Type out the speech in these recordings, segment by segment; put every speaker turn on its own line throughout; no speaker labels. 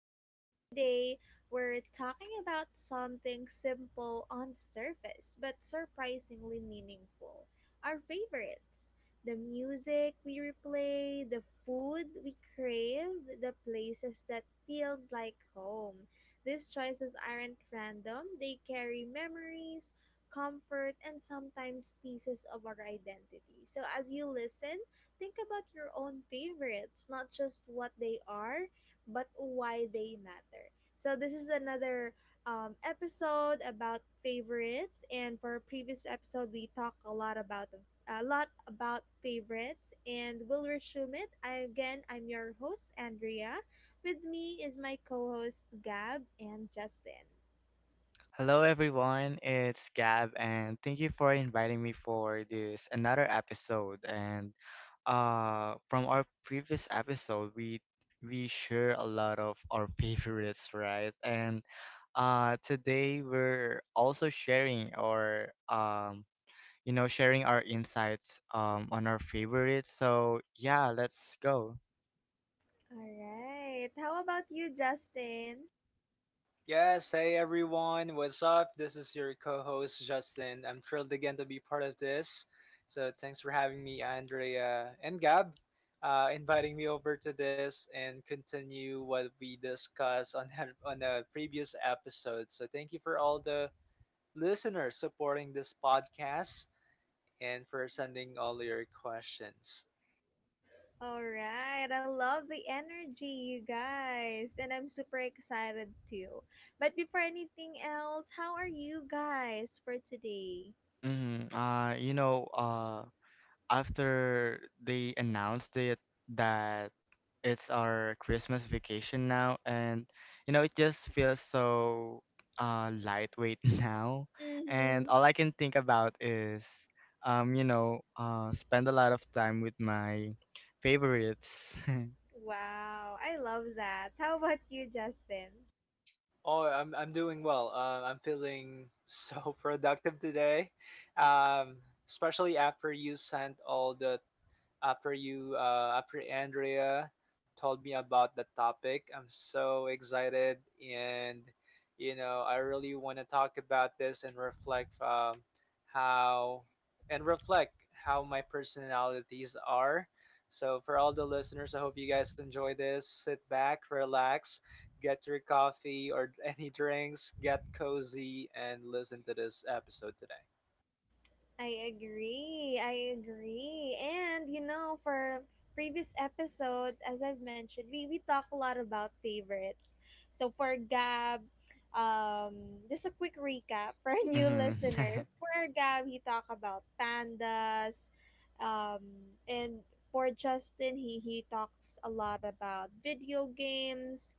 list. Today, we're talking about something simple on the surface but surprisingly meaningful our favorites. The music we replay, the food we crave, the places that feels like home. These choices aren't random, they carry memories, comfort, and sometimes pieces of our identity. So, as you listen, think about your own favorites, not just what they are, but why they matter. So, this is another episode about favorites, and for our previous episode, we talked a lot about favorites, and we'll resume it. I, again, I'm your host Andrea. With me is my co-host Gab and Justin.
Hello everyone, it's Gab and thank you for inviting me for this another episode, and from our previous episode we share a lot of our favorites, right? And today we're also sharing or sharing our insights on our favorites. So yeah, let's go.
All right, how about you, Justin?
Yes, hey everyone, what's up? This is your co host Justin. I'm thrilled again to be part of this. So, thanks for having me, Andrea and Gab, inviting me over to this and continue what we discussed on, on a previous episode. So, thank you for all the listeners supporting this podcast and for sending all your questions.
All right, I love the energy, you guys, and I'm super excited too. But before anything else, how are you guys for today?
Mm-hmm. After they announced it that it's our Christmas vacation now, and it just feels so lightweight now, and
Mm-hmm.
all I can think about is spend a lot of time with my favorites.
Wow, I love that. How about you, Justin?
Oh, I'm doing well. I'm feeling so productive today, um, especially after you sent all the after Andrea told me about the topic. I'm so excited and you know I really want to talk about this and how reflect how my personalities are. So for all the listeners, I hope you guys enjoy this. Sit back, relax, get your coffee or any drinks, get cozy and listen to this episode today.
I agree. I agree. And you know, for previous episode, as I've mentioned, we talk a lot about favorites. So for Gab, just a quick recap for our new
Mhm.
listeners. For Gab, he talked about pandas. um, and for Justin, he talks a lot about video games,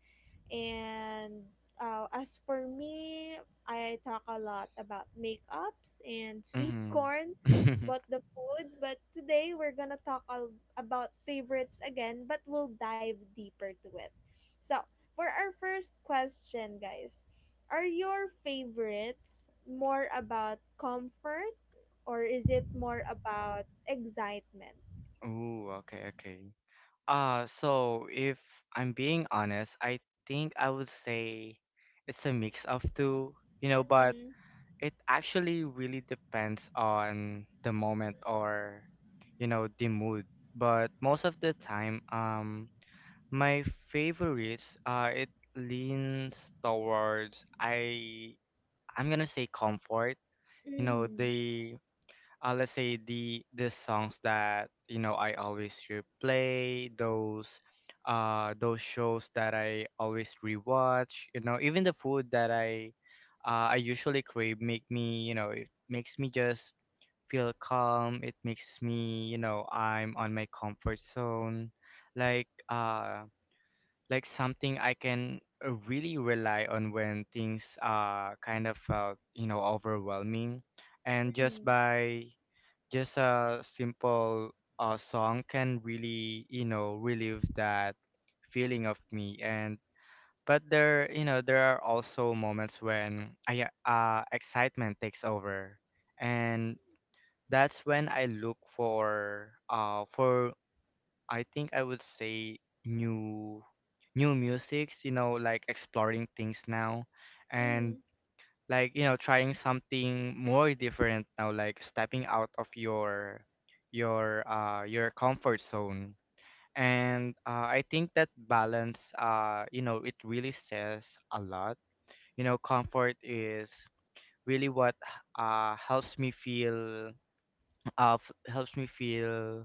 and as for me, I talk a lot about makeups and sweet
Mhm.
corn, but the food. But today we're gonna talk about favorites again, but we'll dive deeper to it. So, for our first question, guys, are your favorites more about comfort or is it more about excitement?
Ooh, okay, okay. So if I'm being honest, I think I would say it's a mix of two, but
Mm-hmm.
it actually really depends on the moment or the mood. But most of the time, my favorites, it leans towards I'm gonna say comfort. You know,
Mm-hmm.
the let's say the songs that I always replay, those shows that I always rewatch, even the food that I usually crave, make me, it makes me just feel calm. It makes me, I'm on my comfort zone, like uh like something I can really rely on when things kind of felt overwhelming, and just by just a simple song can really relieve that feeling of me. And but there, there are also moments when I excitement takes over, and that's when I look for I think I would say new new musics, you know, like exploring things now,
Mm-hmm.
and like you know trying something more different now, like stepping out of your your comfort zone. And I think that balance, you know, it really says a lot. You know, comfort is really what helps me feel helps me feel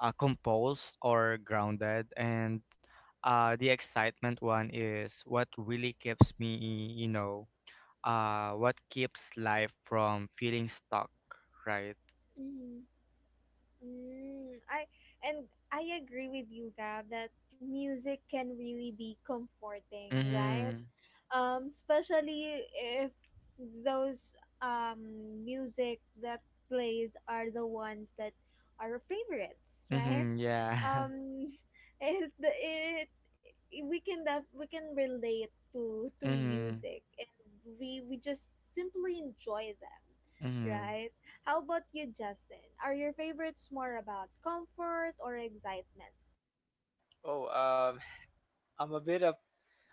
composed or grounded, and the excitement one is what really keeps me, you know, what keeps life from feeling stuck, right?
Mm-hmm. Mm, I and I agree with you, Gab, that music can really be comforting, right?
Mm-hmm.
Especially if those music that plays are the ones that are our favorites, right?
Mm-hmm. Yeah.
Um, it we can we can relate to
Mm-hmm.
music, and we just simply enjoy them, right? How about you, Justin? Are your favorites more about comfort or excitement?
Oh, I'm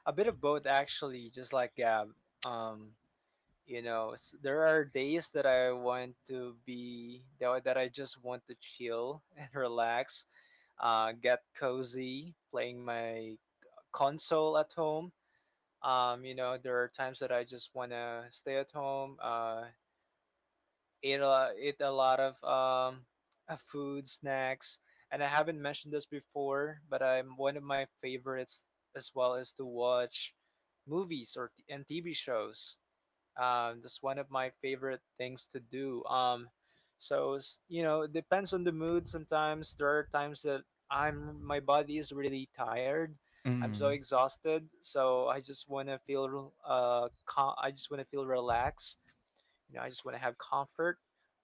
a bit of both actually just like Gab. um you know there are days that I want to be that I just want to chill and relax, get cozy playing my console at home. You know there are times that I just want to stay at home, ate a lot of food, snacks, and I haven't mentioned this before, but I'm one of my favorites as well is to watch movies or t- and TV shows. That's one of my favorite things to do. You know, it depends on the mood. Sometimes there are times that I'm my body is really tired. I'm so
Mm-hmm.
exhausted, so I just want to feel I just want to feel relaxed. You know, I just want to have comfort,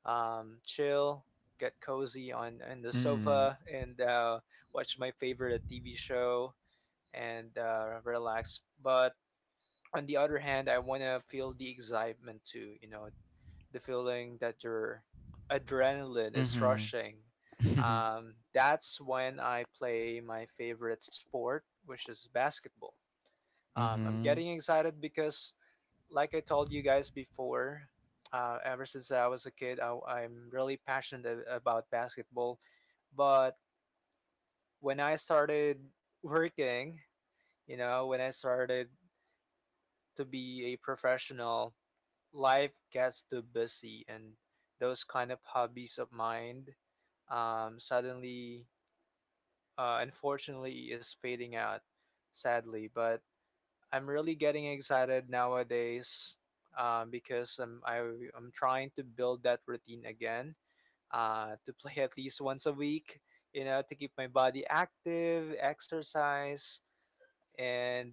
chill, get cozy on the
Mm-hmm.
sofa, and watch my favorite TV show and relax. But on the other hand, I want to feel the excitement too, you know, the feeling that your adrenaline is
Mm-hmm.
rushing.
Mm-hmm.
That's when I play my favorite sport, which is basketball. I'm
Mm-hmm.
getting excited because, like I told you guys before, ever since I was a kid, I'm really passionate about basketball. But when I started working, you know, when I started to be a professional, life gets too busy and those kind of hobbies of mine suddenly, unfortunately, is fading out, sadly. But I'm really getting excited nowadays, because I'm trying to build that routine again, to play at least once a week, you know, to keep my body active, exercise, and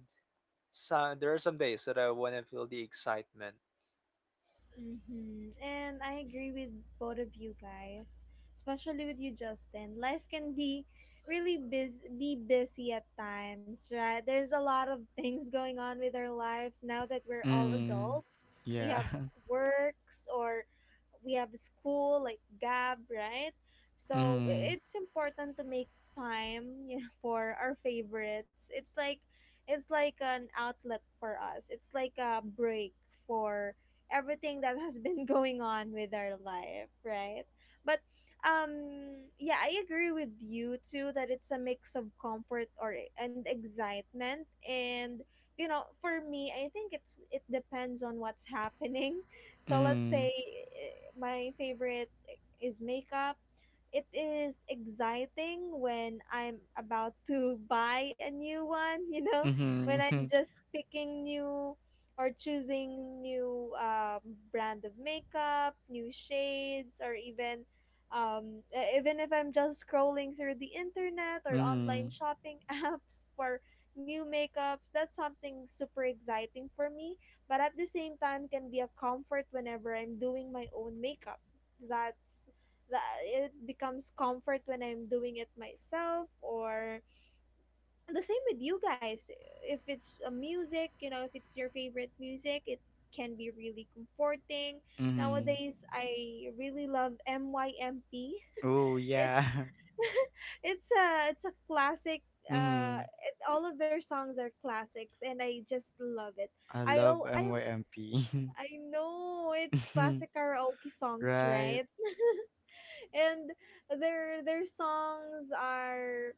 so, there are some days that I want to feel the excitement.
Mm-hmm. And I agree with both of you guys, especially with you, Justin. Life can be be busy at times, right? There's a lot of things going on with our life now that we're all
Mm-hmm.
adults. We
Yeah.
have works or we have school, like Gab, right? So
Mm-hmm.
it's important to make time, you know, for our favorites. It's like an outlet for us. It's like a break for everything that has been going on with our life, right? But yeah, I agree with you too that it's a mix of comfort or and excitement. And you know, for me, I think it depends on what's happening. So let's
Mm-hmm.
say my favorite is makeup. It is exciting when I'm about to buy a new one, you know, when I'm
Mm-hmm.
just picking new or choosing new brand of makeup, new shades, or even even if I'm just scrolling through the internet or
Mm-hmm.
online shopping apps for new makeups. That's something super exciting for me. But at the same time, can be a comfort whenever I'm doing my own makeup. That's that it becomes comfort when I'm doing it myself. Or and the same with you guys, if it's a music, you know, if it's your favorite music, it can be really comforting.
Mm-hmm.
Nowadays, I really love MYMP.
Oh
It's
yeah.
it's a classic.
Mm-hmm.
It, all of their songs are classics, and I just love it.
I
I
love
al-
MYMP.
I know it's
Mhm.
classic karaoke songs,
Right?
right? And their songs are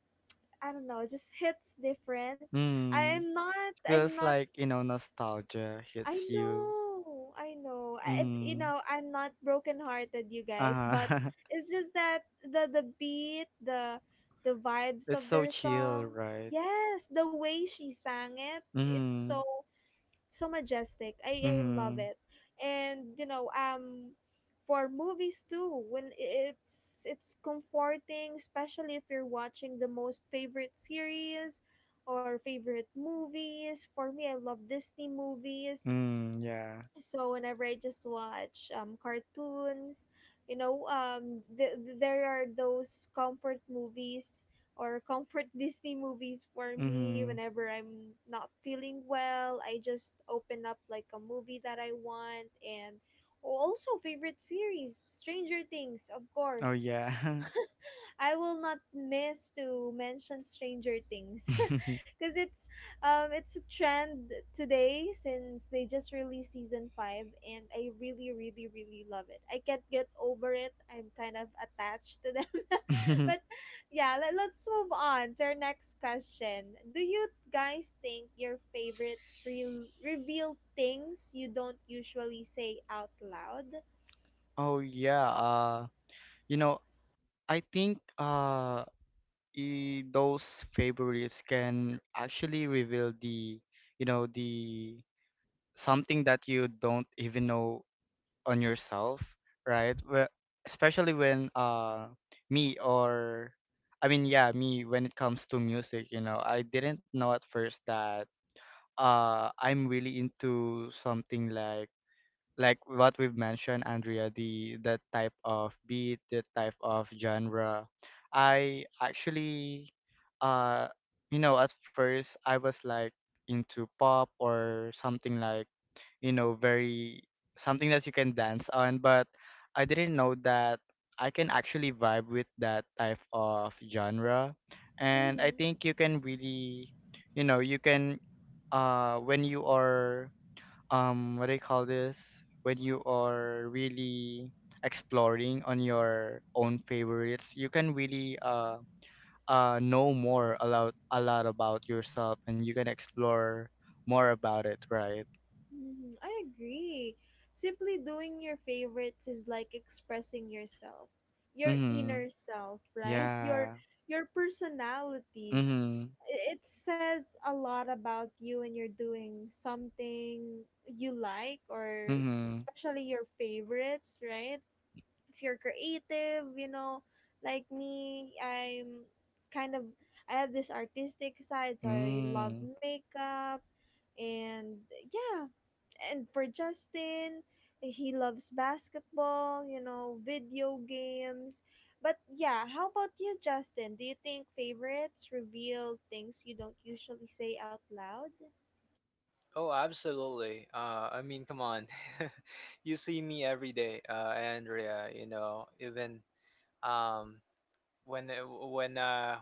I don't know, just hits different.
Mm.
I'm
Feels
not
like, you know, nostalgia
I
hits you.
know. I know. You
Mm-hmm.
know, I'm not broken-hearted, you guys, but
Uh-huh.
it's just that the beat, the vibes
It's
of
so
their
chill,
song.
right?
Yes, the way she sang it, it's
Mm.
so majestic. I love
Mm.
it. And you know, for movies too, when it's comforting, especially if you're watching the most favorite series or favorite movies. For me, I love Disney movies,
Mm, yeah.
so whenever I just watch cartoons, you know, there are those comfort movies or comfort Disney movies for me
Mm.
whenever I'm not feeling well, I just open up like a movie that I want. And oh, also favorite series, Stranger Things, of
Oh
course.
yeah.
I will not miss to mention Stranger Things because it's a trend today since they just released season 5 and I really really really love it. I can't get over it. I'm kind of attached to them. But yeah, let's move on to our next question. Do you guys think your favorites reveal things you don't usually say out loud?
Oh yeah. You know, I think those favorites can actually reveal the, you know, the something that you don't even know on yourself, right? Well, especially when me or I mean yeah, me, when it comes to music, you know, I didn't know at first that I'm really into something like what we've mentioned, Andrea, the type of beat, the type of genre. I actually, uh you know, at first I was like into pop or something like, you know, very something that you can dance on, but I didn't know that I can actually vibe with that type of genre. And I
Mm-hmm.
think you can really, you know, you can when you are what do you call this? When you are really exploring on your own favorites, you can really know more about, a lot about yourself, and you can explore more about it, right?
Mhm, I agree. Simply doing your favorites is like expressing yourself, your
Mm-hmm.
inner self, right?
Yeah.
Your personality.
Mhm.
I- It says a lot about you when you're doing something you like, or
Mhm.
especially your favorites, right? If you're creative, you know, like me, I'm kind of I have this artistic side, so I love
Mm.
makeup and yeah, and for Justin, he loves basketball, you know, video games. But yeah, how about you, Justin? Do you think favorites reveal things you don't usually say out loud?
Oh, absolutely. I mean, come on. You see me every day, Andrea. You know, even um, when when uh,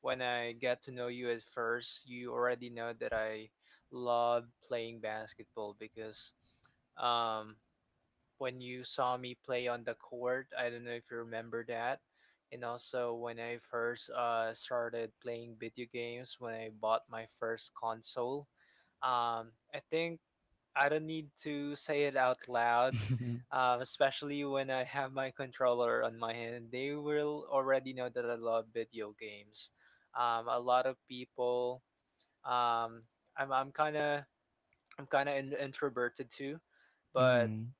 when I got to know you at first, you already know that I love playing basketball because um, when you saw me play on the court, I don't know if you remember that. And also when I first started playing video games, when I bought my first console, I think I don't need to say it out loud, especially when I have my controller on my hand. They will already know that I love video games. A lot of people, um, I'm I'm kind of I'm kind of introverted too, but
Mhm.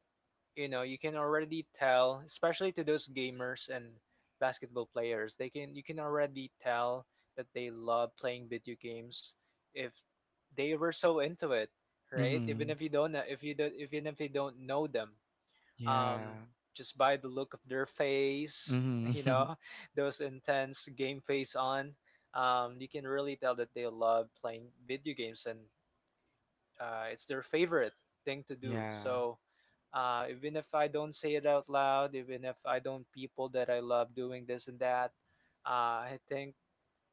you know you can already tell, especially to those gamers and basketball players, they can you can already tell that they love playing video games if they were so into it, right?
Mhm.
Even if you don't know them, um
Yeah.
just by the look of their face,
Mhm.
you know, those intense game face on, you can really tell that they love playing video games and it's their favorite thing to do.
Yeah.
So even if I don't say it out loud, even if I don't people that I love doing this and that, I think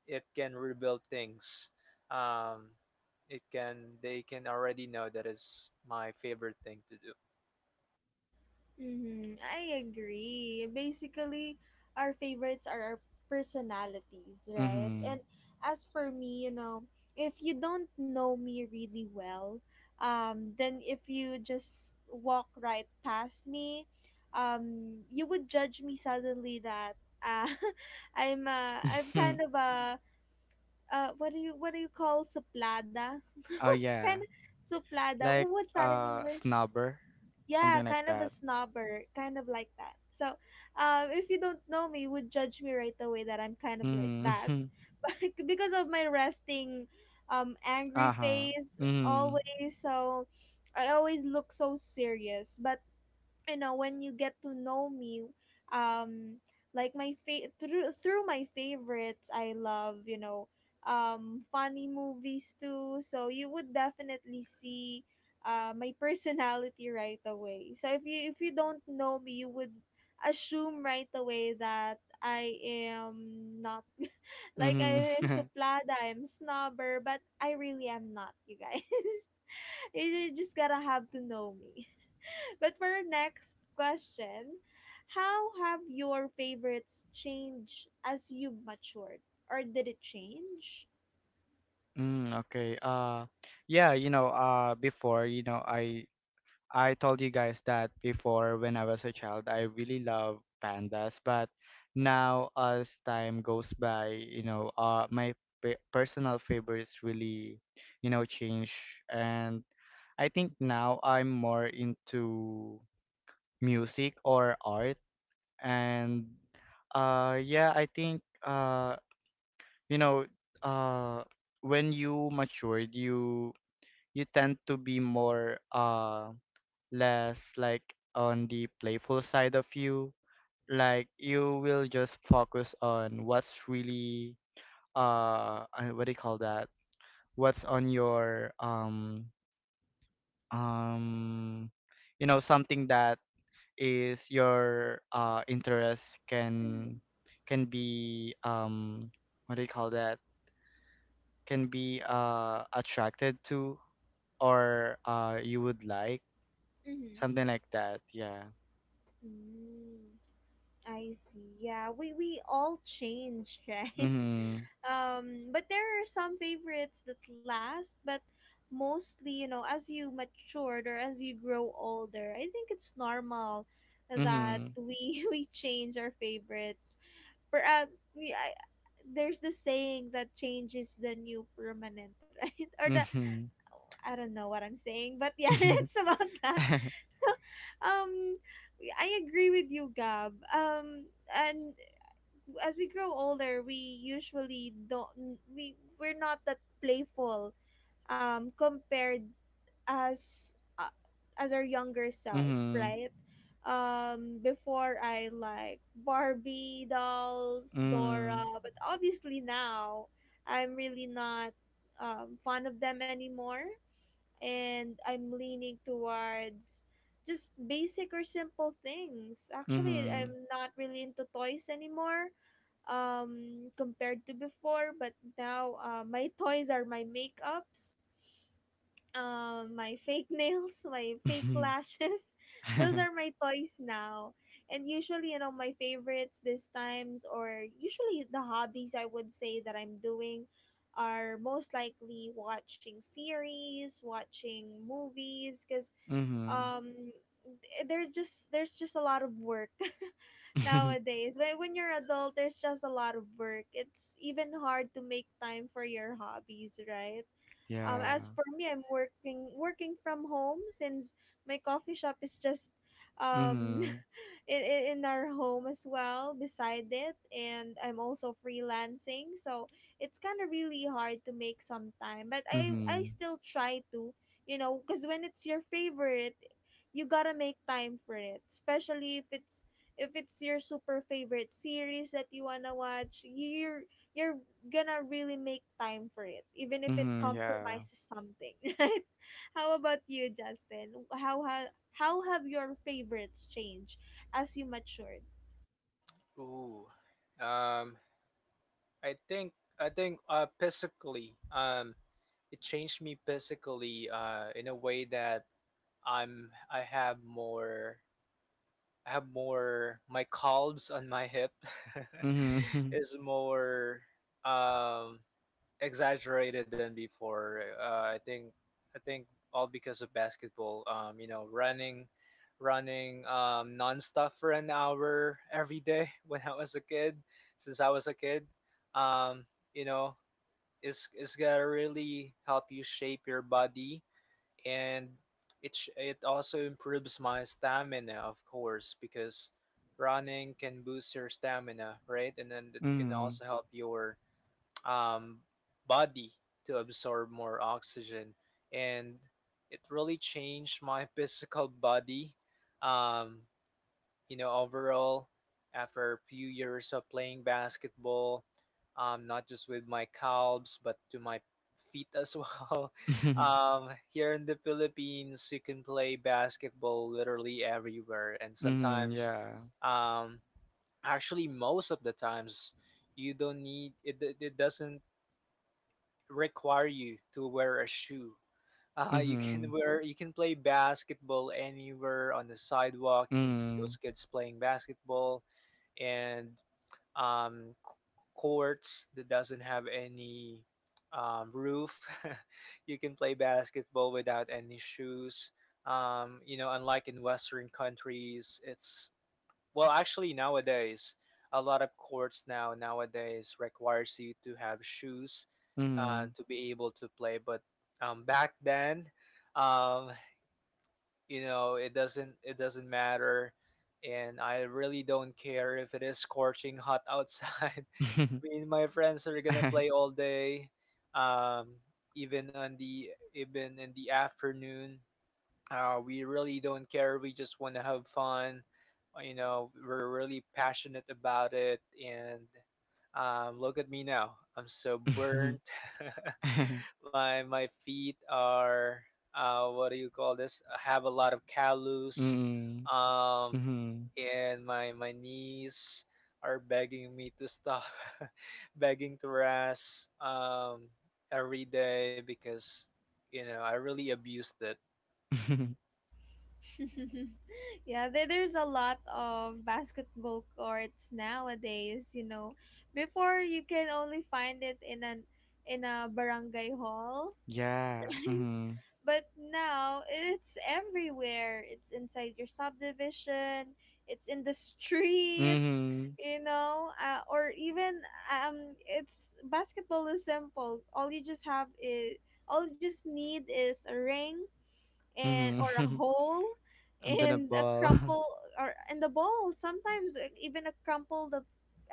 it can rebuild things. Um, it can They can already know that is my favorite thing to do.
Mm-hmm. I agree. Basically, our favorites are our personalities, right?
Mhm.
And as for me, you know, if you don't know me really well, then if you just walk right past me, you would judge me suddenly that uh, I'm kind of a what do you call suplada?
Oh
Kind
yeah.
of suplada.
Like
What's that in English?
snobber,
Yeah,
something like
kind of a
that.
snobber, kind of like that. So if you don't know me you would judge me right away that I'm kind of like that
Mhm.
because of my resting angry
Uh-huh.
face
Mhm.
always. So I always look so serious, but you know when you get to know me, um like through my favorites, I love, you know, funny movies too, so you would definitely see my personality right away. So if you don't know me you would assume right away that I am not like
Mhm.
I am suplada, I'm snobber, but I really am not, you guys. You just gotta have to know me. But for our next question, how have your favorites changed as you've matured? Or did it change?
Okay. Yeah, you know, before, you know, I told you guys that before when I was a child, I really love pandas, but now as time goes by, you know, my pe personal favorites really, you know, change. And I think now I'm more into music or art. And yeah, I think, you know, uh, when you matured, you tend to be more less like on the playful side of you. Like you will just focus on what's really what do you call that? What's on your um you know something that is your interest,
Mm-hmm.
can be, what do you call that? Can be attracted to, or you would like,
Mm-hmm.
something like that. Yeah.
Mm, I see. Yeah, we all change, right?
Mhm.
But there are some favorites that last, but mostly, you know, as you matured or as you grow older, I think it's normal that
Mhm.
we we change our favorites per, um, we, I, there's the saying that change is the new permanent, right? Or the
Mhm.
I don't know what I'm saying, but yeah, it's about that. So, um, I agree with you, Gab. And as we grow older, we usually don't we're not that playful. Compared as uh, as our younger self,
Mhm.
right? Before I like Barbie dolls, Dora,
Mhm.
but obviously now I'm really not fond of them anymore, and I'm leaning towards just basic or simple things. Actually,
Mhm.
I'm not really into toys anymore compared to before, but now my toys are my makeups, my fake nails, my fake
Mhm.
lashes. Those
Mhm.
are my toys now. And usually, you know, my favorites this times or usually the hobbies I would say that I'm doing are most likely watching series, watching movies cuz um there just there's just a lot of work nowadays. When you're adult, there's just a lot of work. It's even hard to make time for your hobbies, right?
Yeah.
As for me, I'm working from home since my coffee shop is just um
Mhm.
in our home as well beside it, and I'm also freelancing, so it's kind of really hard to make some time, but I
Mhm.
still try to, you know, because when it's your favorite you gotta make time for it, especially if it's your super favorite series that you wanna watch. You're gonna really make time for it, even if it
Mhm. Yeah.
compromises something, right? How about you, Justin? How have your favorites changed as you matured?
Ooh, um, I think I think physically, it changed me physically in a way that I'm I have more I have more my calves on my hip.
Mhm.
Is more um exaggerated than before. I think all because of basketball. You know, running nonstop for an hour every day when I was a kid, since I was a kid. Um, you know, it's gonna really help you shape your body and it also improves my stamina, of course, because running can boost your stamina, right? And then it can
Mhm.
also help your um, body to absorb more oxygen, and it really changed my physical body. Um, you know, overall, after a few years of playing basketball, not just with my calves, but to my feet as well. Here in the Philippines, you can play basketball literally everywhere, and
Mhm.
sometimes, um, actually, most of the times, you don't need it. It doesn't require you to wear a shoe.
Mhm.
You can play basketball anywhere on the sidewalk. You can see those kids playing basketball and, um, c- courts that doesn't have any roof. You can play basketball without any shoes. You know, unlike in Western countries, it's well, actually nowadays a lot of courts now nowadays requires you to have shoes to be able to play. But back then, um, you know it doesn't matter and I really don't care if it is scorching hot outside. Me and my friends are
Yeah.
gonna
Mhm. Mhm.
play all day, um even on the even in the afternoon. We really don't care, we just want to have fun. You know, we're really passionate about it and, look at me now, I'm so
Mhm.
burnt. My feet are, what do you call this, I have a lot of callus,
Mhm. Mhm.
um,
Mhm.
and my knees are begging me to stop, begging to rest, every day, because you know I really abused it.
Yeah, there's a lot of basketball courts nowadays. You know, before you can only find it in an in a barangay hall.
Yeah. Mhm.
But now it's everywhere. It's inside your subdivision, it's in the street,
Mhm.
you know, or even it's basketball is simple. All you just need is a ring and
Mhm.
or a hole
And then a
and a
ball.
crumple or and the ball, sometimes even a crumpled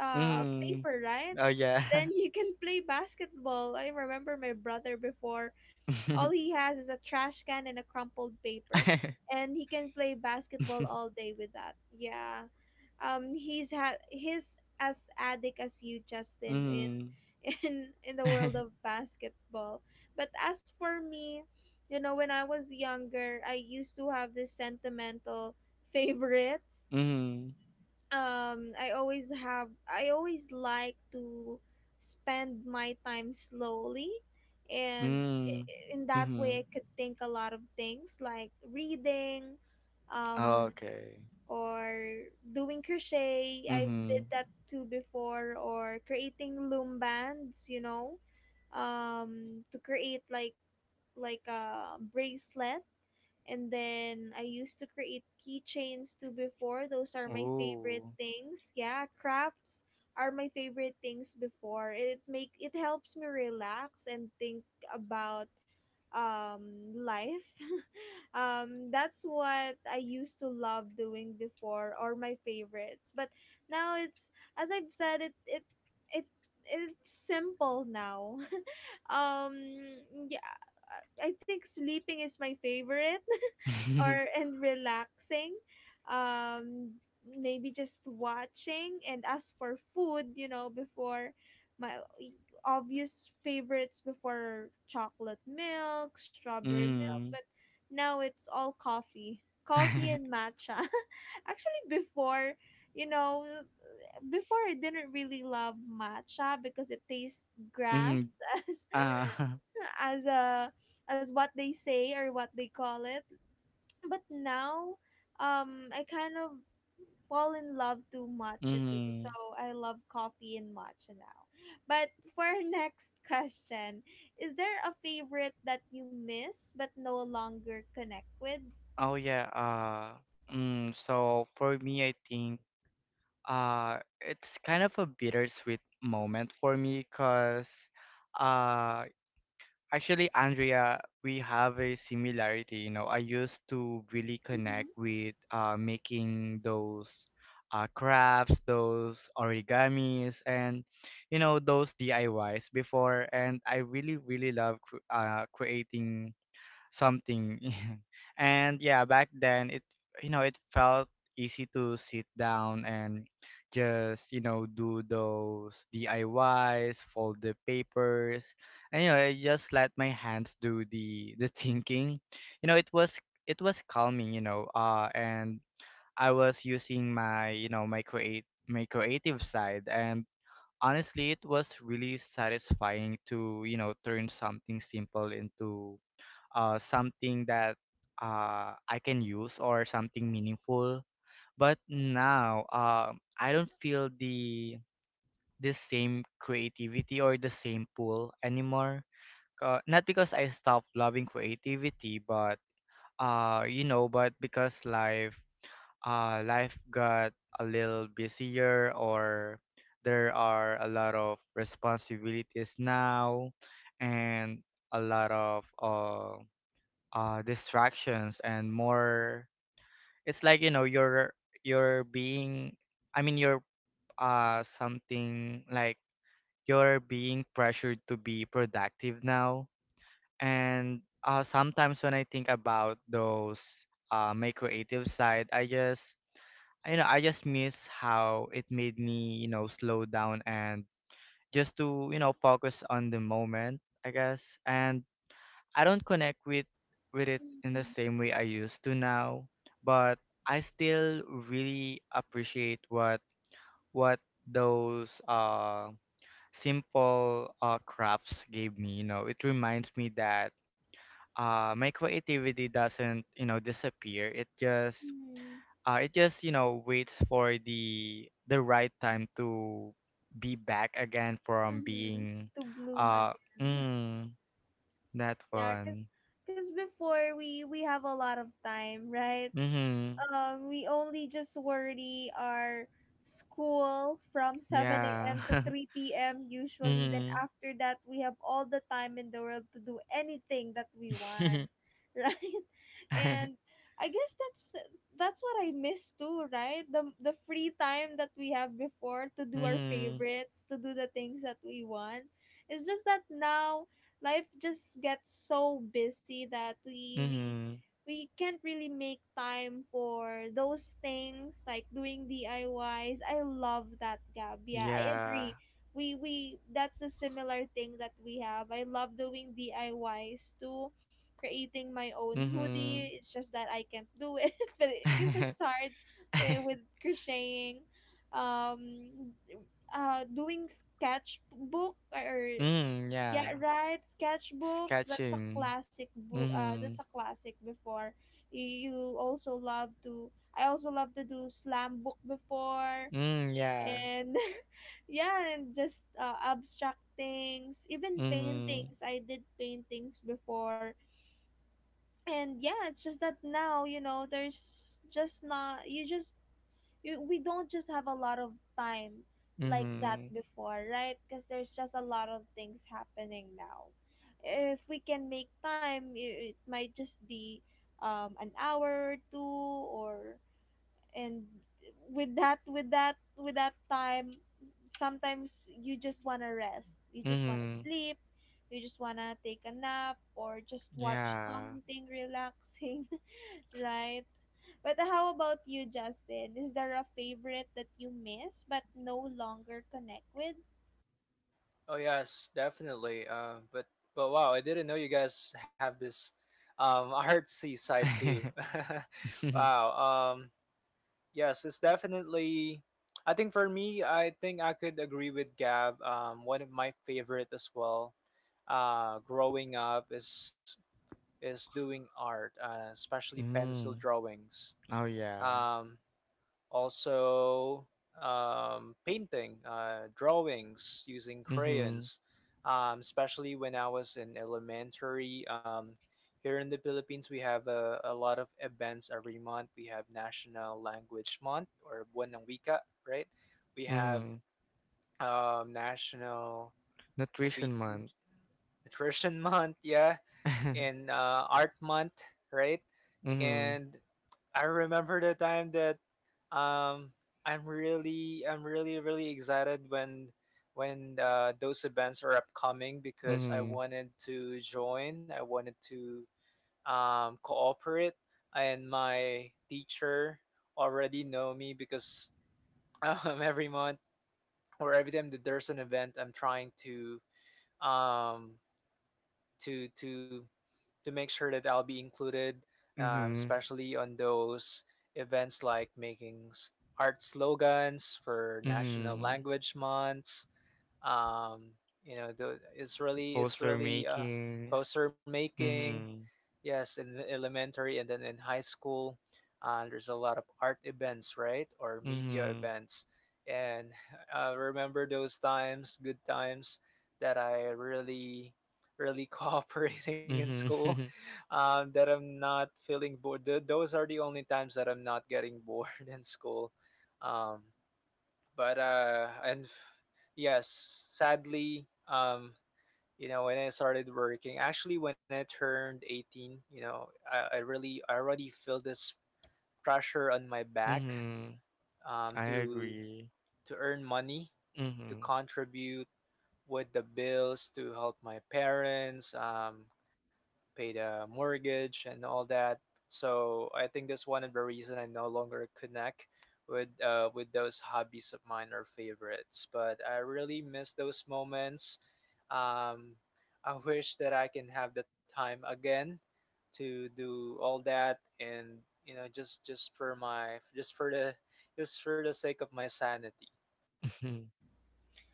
Mhm.
paper, right?
Oh yeah.
Then you can play basketball. I remember my brother before, all he has is a trash can and a crumpled paper, and he can play basketball all day with that. Yeah, he's as addict as you, Justin, in
Mhm.
in the world of basketball. But as for me, you know, when I was younger, I used to have this sentimental favorites.
Mhm.
I always like to spend my time slowly, and
Mhm.
in that way I
Mhm.
could think a lot of things, like reading, um
Okay.
or doing crochet. I did
Mhm.
that too before, or creating loom bands, you know, to create like a bracelet, and then I used to create keychains too before. Those are my favorite
Ooh.
things. Yeah, crafts are my favorite things before. It helps me relax and think about um life. That's what I used to love doing before, or my favorites. But now it's, as I've said, it it's simple now. um yeah, I think sleeping is my favorite. Or and relaxing, um maybe just watching. And as for food, you know, before my obvious favorites before, chocolate milk, strawberry milk, but
Mhm.
now it's all Coffee
Mhm.
and matcha. Actually before, you know, before I didn't really love matcha because it tastes grass, as
Ah.
as a as what they say or what they call it. But now I kind of fall in love to matcha too. So
Mhm.
I love coffee and matcha now. But for our next question, is there a favorite that you miss but no longer connect with?
Oh yeah. So for me, I think it's kind of a bittersweet moment for me, cause uh, actually, Andrea, we have a similarity. You know, I used to really connect
Mm-hmm.
with making those crafts, those origamis, and you know those DIYs before. And I really, really love creating something and yeah, back then, it you know it felt easy to sit down and just you know do those DIYs, fold the papers, and you know I just let my hands do the thinking. You know it was calming, you know, and I was using my, you know, my create my creative side, and honestly, it was really satisfying to, you know, turn something simple into something that I can use, or something meaningful. But now, I don't feel the same creativity or the same pull anymore. Not because I stopped loving creativity, but you know, but because life, life got a little busier, or there are a lot of responsibilities now, and a lot of distractions, and more, it's like, you know, you're being I mean you're something like, you're being pressured to be productive now. And sometimes when I think about those, my creative side, I just, you know, I just miss how it made me, you know, slow down and just to, you know, focus on the moment, I guess. And I don't connect with it in the
Mm-hmm.
same way I used to now, but I still really appreciate what those simple crafts gave me. You know, it reminds me that my creativity doesn't, you know, disappear. It just
Mm-hmm.
it just, you know, waits for the right time to be back again from
Mm-hmm.
being
To bloom
uh
again.
mm, that
Yeah, cause,
one.
cause before we have a lot of time, right?
Mm-hmm.
We only just worry our school from 7
Yeah.
a.m. to 3 p.m. usually. Then
Mhm.
after that, we have all the time in the world to do anything that we want, right? And I guess that's what I miss too, right? The free time that we have before to do our
Mhm.
favorites, to do the things that we want. It's just that now life just gets so busy that we we
Mhm.
we can't really make time for those things like doing DIYs. I Ys. I love that, Gab. Yeah, I
Yeah.
agree. We that's a similar thing that we have. I love doing DIYs too. Creating my own hoodie.
Mhm.
It's just that I can't do it, but because it's hard, eh, with crocheting. Um, doing sketchbook or
Mm,
yeah,
yeah.
right. Sketchbook. That's a
Sketching.
classic book. That's a
Mhm.
classic. Before you also love to. I also love to do slam book before,
Mm, yeah.
and yeah, and just abstract things, even
Mhm.
paintings. I did paintings before, and yeah, it's just that now you know there's just not, you just we don't just have a lot of time like that
Mhm.
before, right? Because there's just a lot of things happening now. If we can make time, it might just be an hour or two, or and with that time sometimes you just want to rest, you just want to
Mhm.
sleep, you just want to take a nap or just watch
Yeah.
something relaxing. Right. But how about you, Justin, is there a favorite that you miss but no longer connect with?
Oh yes, definitely. But wow, I didn't know you guys have this artsy side too. Wow. Yes, it's definitely. I think for me, I think I could agree with Gab. One of my favorite as well. Growing up is doing art, especially pencil
Mm.
drawings.
Oh yeah.
Um, Also painting, drawings using
Mhm.
crayons, especially when I was in elementary. Here in the Philippines, we have a lot of events every month. We have National Language Month or Buwan ng Wika, right? We have
Mhm.
um, National
Nutrition
we, we,
month.
Nutrition Month, yeah, and Art Month, right?
Mhm.
And I remember the time that um I'm really really excited when those events are upcoming because I
Mhm.
wanted to join. I wanted to cooperate, and my teacher already know me because every month or every time that there's an event, I'm trying to um, to to to make sure that I'll be included,
Mhm.
especially on those events like making art slogans for national
Mhm.
language months, um you know the israeli
Poster
israeli
makings.
poster making,
Mhm.
yes, in the elementary and then in high school, there's a lot of art events, right, or media
Mhm.
events. And I remember those times, good times, that I really really cooperating in
Mhm.
school, that I'm not feeling bored. Th- those are the only times that I'm not getting bored in school, um, but uh and f- yes, sadly. You know when I started working, actually when I turned 18, you know I really I already feel this pressure on my back,
Mhm. I
to
agree.
earn money, to
Mhm.
contribute with the bills, to help my parents, pay the mortgage and all that. So I think that's one of the reason I no longer connect with those hobbies of mine or favorites. But I really miss those moments. Um, I wish that I can have the time again to do all that and you know just for my just for the sake of my sanity.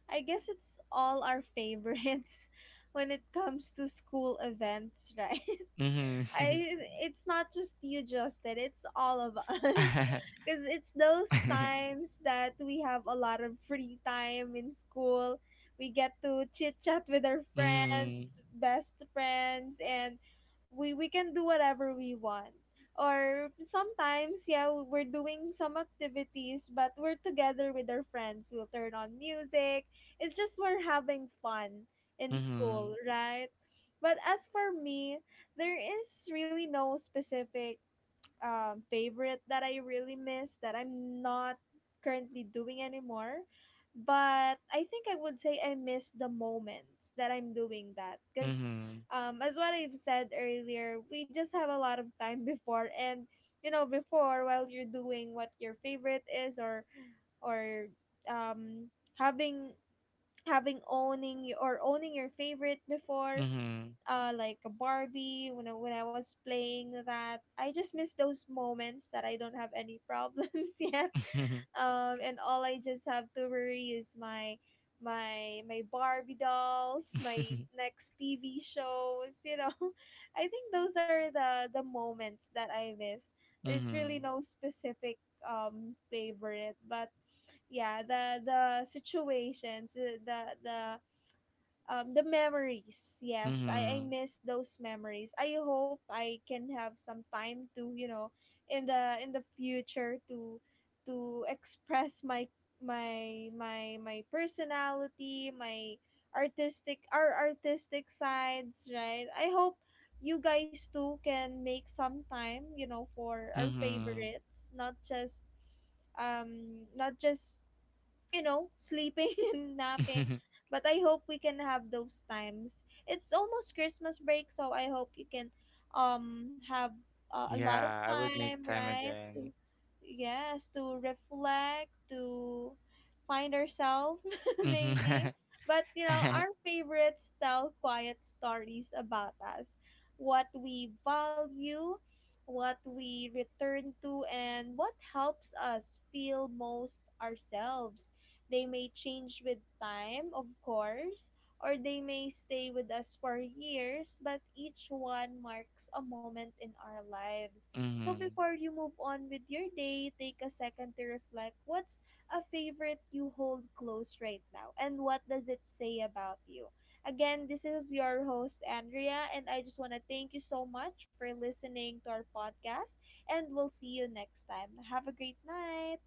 I guess it's all our favorites when it comes to school events, right?
Mhm.
I,
Mhm.
it's not just you, Justin. It's all of us, because it's those times that we have a lot of free time in school. We get to chit chat with our
Mhm.
friends, best friends, and we can do whatever we want. Or sometimes, yeah, we're doing some activities, but we're together with our friends. We'll turn on music. It's just we're having fun in school,
Mhm.
right? But as for me, there is really no specific favorite that I really miss that I'm not currently doing anymore. But I think I would say I miss the moments that I'm doing that because, as what I've said earlier, we just have a lot of time before, and you know, before while you're doing what your favorite is, or or um, having having owning your favorite before,
Mhm. Mhm.
uh, like a Barbie. When I was playing that, I just miss those moments that I don't have any problems yet, and all I just have to worry is my Barbie dolls, my next TV shows, you know. I think those are the moments that I miss. There's really
Mhm.
no specific favorite, but yeah, the situations, the memories, yes, I
Mhm.
miss those memories. I hope I can have some time to, you know, in the future to express my personality, my artistic, our artistic sides, right? I hope you guys too can make some time, you know, for our
Mhm.
favorites, not just not just you know, sleeping and napping. But I hope we can have those times. It's almost Christmas break, so I hope you can have a lot of
Yeah, I would make
time,
time
right? To
again.
yes, to reflect, to find ourselves maybe.
Mhm.
But you know, our favorites tell quiet stories about us, what we value, what we return to, and what helps us feel most ourselves. They may change with time, of course, or they may stay with us for years, but each one marks a moment in our lives. So
Mhm.
before you move on with your day, take a second to reflect what's a favorite you hold close right now and what does it say about you. Again, this is your host, Andrea, and I just want to thank you so much for listening to our podcast, and we'll see you next time. Have a great night.